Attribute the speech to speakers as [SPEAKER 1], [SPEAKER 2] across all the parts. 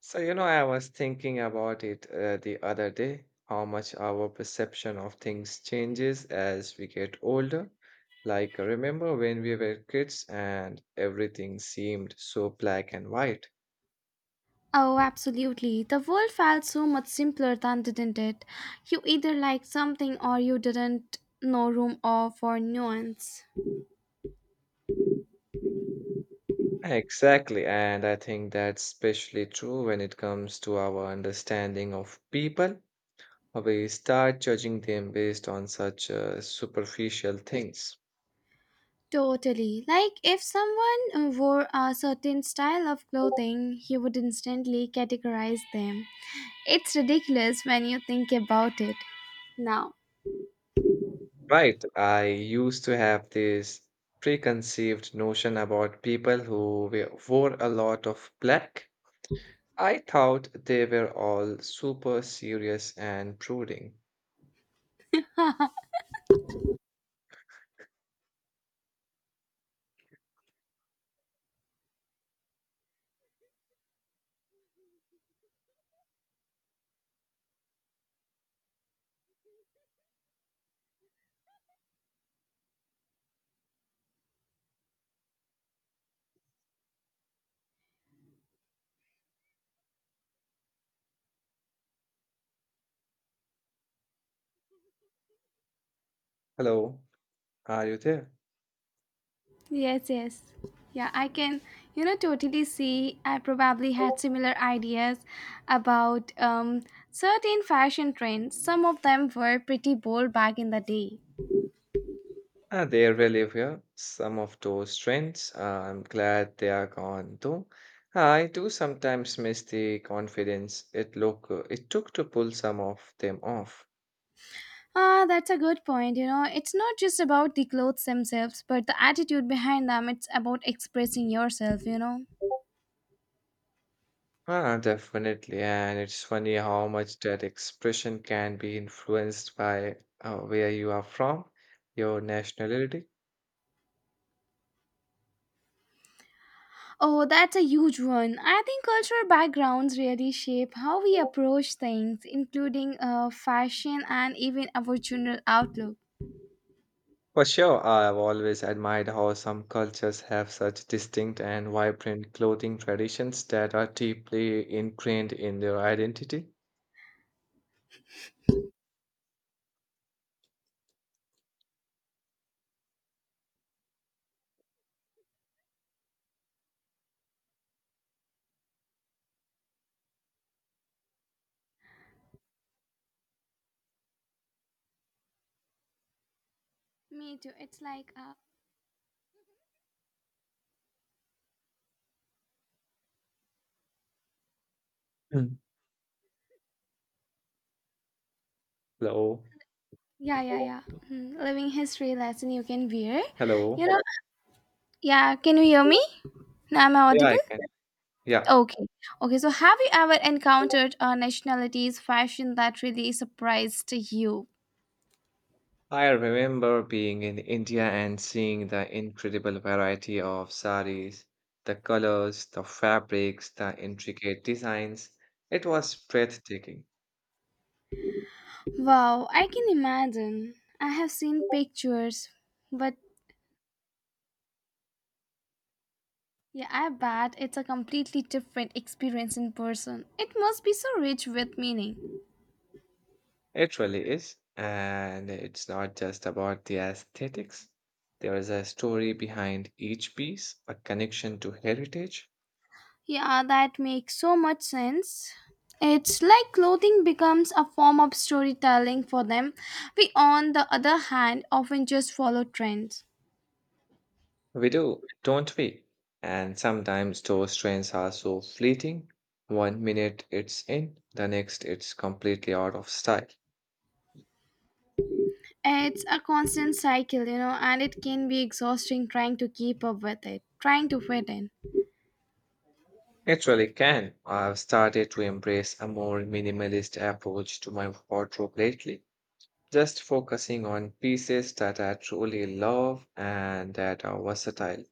[SPEAKER 1] So, you know, I was thinking about it the other day, how much our perception of things changes as we get older. Like, remember when we were kids and everything seemed so black and white?
[SPEAKER 2] Oh, absolutely. The world felt so much simpler than didn't it? You either liked something or you didn't. No room or for nuance.
[SPEAKER 1] Exactly, and I think that's especially true when it comes to our understanding of people. We start judging them based on such superficial things.
[SPEAKER 2] Totally. Like if someone wore a certain style of clothing, you would instantly categorize them. It's ridiculous when you think about it now.
[SPEAKER 1] Right. I used to have this preconceived notion about people who wore a lot of black. I thought they were all super serious and brooding. Hello, are you there?
[SPEAKER 2] Yes, yes. Yeah, I can, totally see. I probably had similar ideas about certain fashion trends. Some of them were pretty bold back in the day.
[SPEAKER 1] Ah, they're really here. Some of those trends. I'm glad they are gone though. I do sometimes miss the confidence it took to pull some of them off.
[SPEAKER 2] Ah, that's a good point. You know, it's not just about the clothes themselves, but the attitude behind them. It's about expressing yourself, you know.
[SPEAKER 1] Ah, definitely. And it's funny how much that expression can be influenced by where you are from, your nationality.
[SPEAKER 2] Oh, that's a huge one. I think cultural backgrounds really shape how we approach things, including fashion and even our general outlook.
[SPEAKER 1] For sure, I've always admired how some cultures have such distinct and vibrant clothing traditions that are deeply ingrained in their identity.
[SPEAKER 2] Me too. It's like
[SPEAKER 1] Mm. Hello.
[SPEAKER 2] yeah, yeah, yeah. Hmm. Living history lesson you can wear. You
[SPEAKER 1] Hello.
[SPEAKER 2] know, yeah, can you hear me? Now am I
[SPEAKER 1] Yeah, I
[SPEAKER 2] audible?
[SPEAKER 1] can. Yeah.
[SPEAKER 2] Okay. Okay, so have you ever encountered a nationality's fashion that really surprised you?
[SPEAKER 1] I remember being in India and seeing the incredible variety of saris, the colors, the fabrics, the intricate designs. It was breathtaking.
[SPEAKER 2] Wow, I can imagine. I have seen pictures, but yeah, I bet it's a completely different experience in person. It must be so rich with meaning.
[SPEAKER 1] It really is. And it's not just about the aesthetics. There is a story behind each piece, a connection to heritage.
[SPEAKER 2] Yeah, that makes so much sense. It's like clothing becomes a form of storytelling for them. We, on the other hand, often just follow trends.
[SPEAKER 1] We do, don't we? And sometimes those trends are so fleeting. One minute it's in, the next it's completely out of style.
[SPEAKER 2] It's a constant cycle, you know, and it can be exhausting trying to keep up with it, trying to fit in.
[SPEAKER 1] It really can. I've started to embrace a more minimalist approach to my wardrobe lately, just focusing on pieces that I truly love and that are versatile.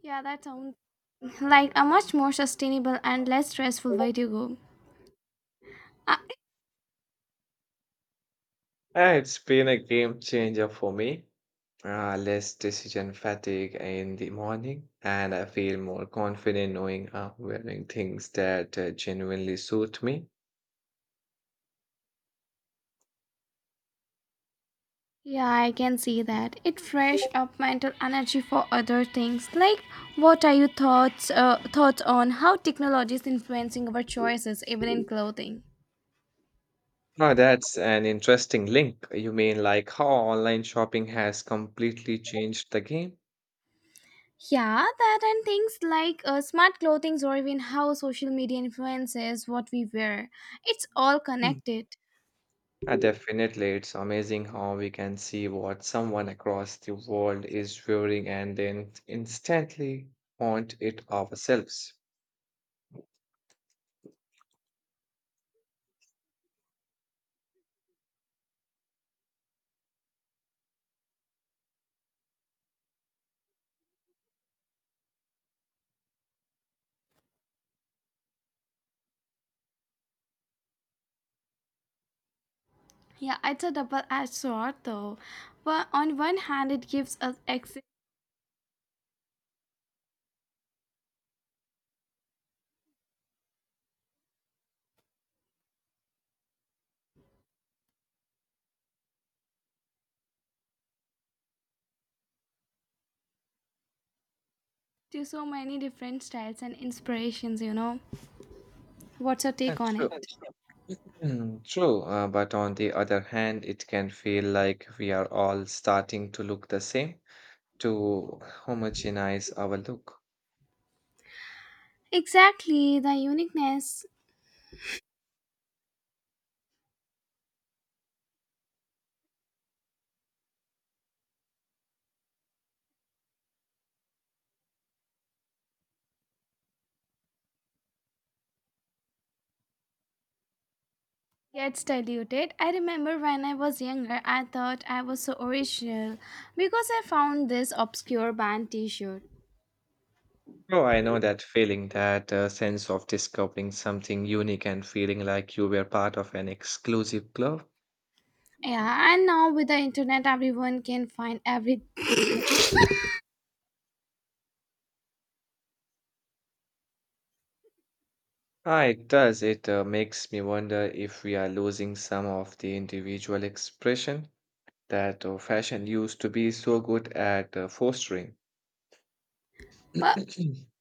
[SPEAKER 2] Yeah, that sounds like a much more sustainable and less stressful way to go. Uh,
[SPEAKER 1] And it's been a game changer for me. Less decision fatigue in the morning, and I feel more confident knowing I'm wearing things that genuinely suit me.
[SPEAKER 2] Yeah, I can see that. It fresh up mental energy for other things. Like, what are your thoughts thoughts on how technology is influencing our choices, even in clothing?
[SPEAKER 1] Oh, that's an interesting link. You mean like how online shopping has completely changed the game?
[SPEAKER 2] Yeah, that and things like smart clothing or even how social media influences what we wear. It's all connected.
[SPEAKER 1] Definitely, it's amazing how we can see what someone across the world is wearing and then instantly want it ourselves.
[SPEAKER 2] Yeah, it's a double-edged sword though. But on one hand, it gives us access to so many different styles and inspirations, you know. What's your take on
[SPEAKER 1] True.
[SPEAKER 2] it?
[SPEAKER 1] Mm, true. But on the other hand, it can feel like we are all starting to look the same to homogenize our look.
[SPEAKER 2] Exactly, the uniqueness gets diluted. I remember when I was younger, I thought I was so original because I found this obscure band t shirt.
[SPEAKER 1] Oh, I know that feeling, that sense of discovering something unique and feeling like you were part of an exclusive club.
[SPEAKER 2] Yeah, and now with the internet, everyone can find every.
[SPEAKER 1] Ah, it does. It makes me wonder if we are losing some of the individual expression that fashion used to be so good at fostering.
[SPEAKER 2] But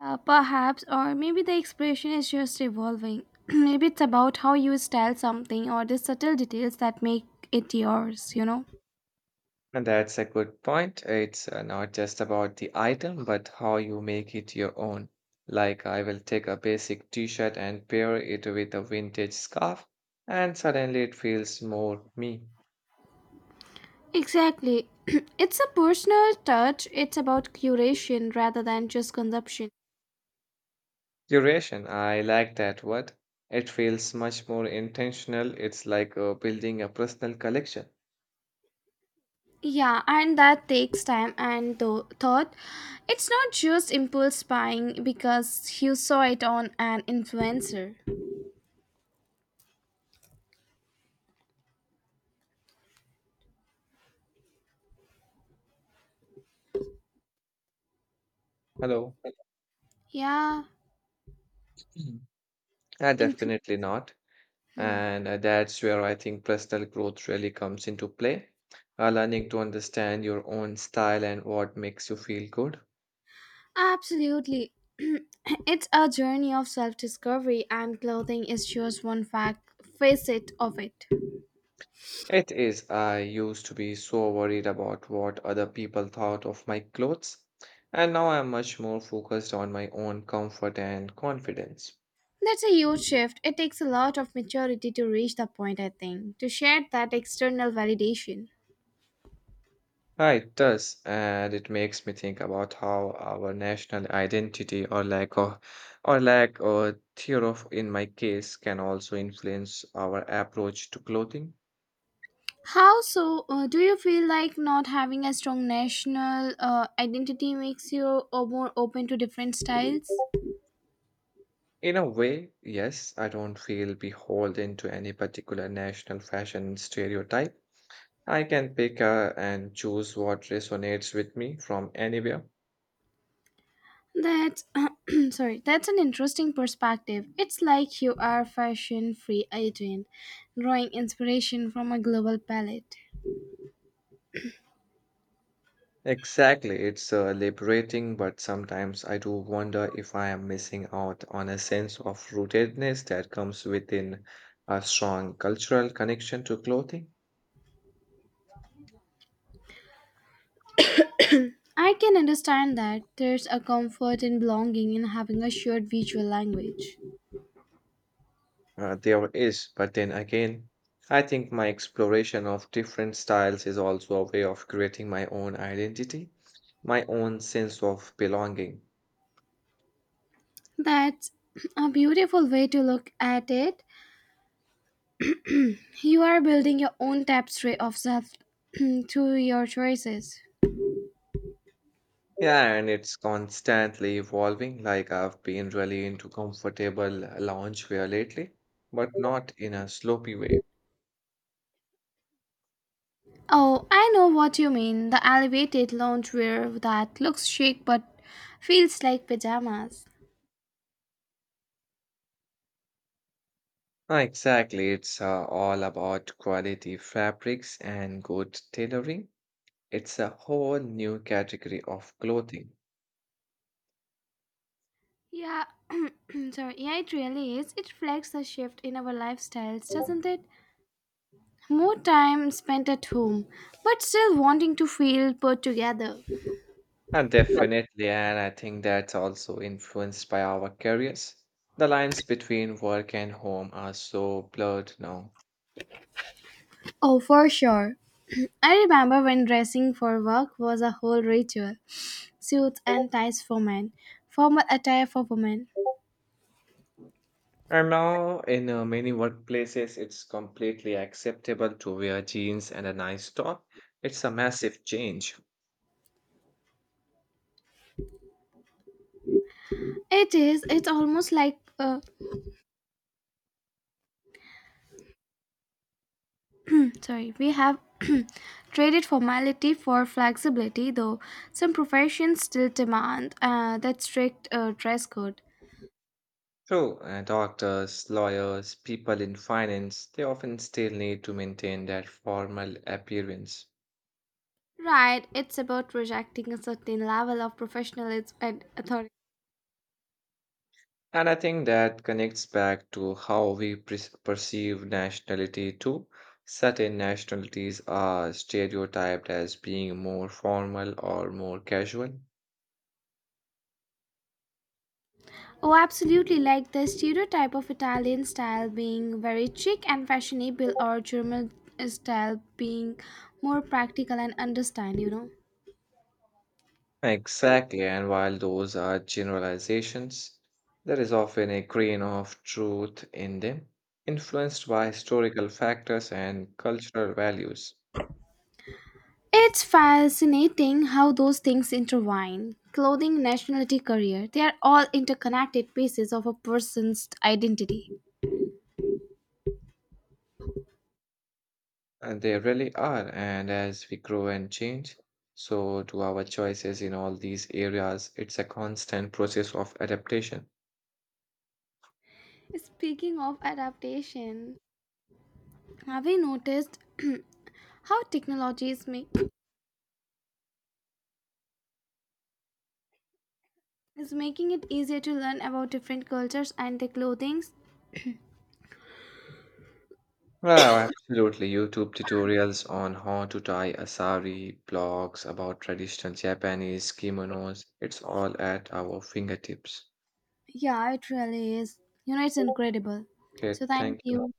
[SPEAKER 2] Perhaps, or maybe the expression is just evolving. Maybe it's about how you style something or the subtle details that make it yours, you know?
[SPEAKER 1] And that's a good point. It's not just about the item, but how you make it your own. Like, I will take a basic t-shirt and pair it with a vintage scarf, and suddenly it feels more me.
[SPEAKER 2] Exactly. It's a personal touch, it's about curation rather than just consumption.
[SPEAKER 1] Duration, I like that word. It feels much more intentional. It's like building a personal collection.
[SPEAKER 2] Yeah, and that takes time and thought. It's not just impulse buying because you saw it on an influencer.
[SPEAKER 1] Hello.
[SPEAKER 2] Yeah,
[SPEAKER 1] Mhm.
[SPEAKER 2] influ-
[SPEAKER 1] Definitely not.
[SPEAKER 2] hmm,
[SPEAKER 1] And that's where I think personal growth really comes into play. Learning to understand your own style and what makes you feel good.
[SPEAKER 2] absolutely. It's a journey of self discovery, and clothing is just one facet of it.
[SPEAKER 1] It is. I used to be so worried about what other people thought of my clothes. And now I'm much more focused on my own comfort and confidence.
[SPEAKER 2] That's a huge shift. It takes a lot of maturity to reach the point, I think, to share that external validation.
[SPEAKER 1] Yeah, it does, and it makes me think about how our national identity or lack of or lack or theory of in my case can also influence our approach to clothing.
[SPEAKER 2] How so? Do you feel like not having a strong national identity makes you more open to different styles?
[SPEAKER 1] In a way, yes, I don't feel beholden to any particular national fashion stereotype. I can pick and choose what resonates with me from anywhere.
[SPEAKER 2] That's sorry. That's an interesting perspective. It's like you are fashion-free agent, drawing inspiration from a global palette.
[SPEAKER 1] Exactly, it's liberating, but sometimes I do wonder if I am missing out on a sense of rootedness that comes within a strong cultural connection to clothing.
[SPEAKER 2] I can understand that there's a comfort in belonging in having a shared visual language.
[SPEAKER 1] There is, but then again, I think my exploration of different styles is also a way of creating my own identity, my own sense of belonging.
[SPEAKER 2] That's a beautiful way to look at it. You are building your own tapestry of self through your choices.
[SPEAKER 1] Yeah, and it's constantly evolving. Like I've been really into comfortable loungewear lately, but not in a sloppy way.
[SPEAKER 2] Oh, I know what you mean. The elevated loungewear that looks chic but feels like pajamas.
[SPEAKER 1] Ah, exactly. It's all about quality fabrics and good tailoring. It's a whole new category of clothing.
[SPEAKER 2] Yeah, sorry. Yeah, it really is. It reflects the shift in our lifestyles, doesn't it? More time spent at home, but still wanting to feel put together.
[SPEAKER 1] And definitely, and I think that's also influenced by our careers. The lines between work and home are so blurred now.
[SPEAKER 2] Oh, for sure. I remember when dressing for work was a whole ritual. Suits and ties for men, formal attire for women.
[SPEAKER 1] And now, in many workplaces, it's completely acceptable to wear jeans and a nice top. It's a massive change.
[SPEAKER 2] It is, it's almost like, sorry, we have traded formality for flexibility, though some professions still demand that strict dress code.
[SPEAKER 1] So, doctors, lawyers, people in finance, they often still need to maintain that formal appearance.
[SPEAKER 2] Right, it's about rejecting a certain level of professionalism and authority.
[SPEAKER 1] And I think that connects back to how we perceive nationality too. Certain nationalities are stereotyped as being more formal or more casual.
[SPEAKER 2] Oh, absolutely, like the stereotype of Italian style being very chic and fashionable, or German style being more practical and understand, you know.
[SPEAKER 1] Exactly, and while those are generalizations, there is often a grain of truth in them, influenced by historical factors and cultural values.
[SPEAKER 2] It's fascinating how those things intertwine. Clothing, nationality, career, they are all interconnected pieces of a person's identity.
[SPEAKER 1] And they really are, and as we grow and change, so do our choices in all these areas. It's a constant process of adaptation.
[SPEAKER 2] Speaking of adaptation, have you noticed how is making it easier to learn about different cultures and their clothings?
[SPEAKER 1] Wow, absolutely. YouTube tutorials on how to tie a sari, blogs about traditional Japanese kimonos, it's all at our fingertips.
[SPEAKER 2] Yeah, it really is. You know, it's incredible.
[SPEAKER 1] Okay,
[SPEAKER 2] So, thank
[SPEAKER 1] thank you.
[SPEAKER 2] you.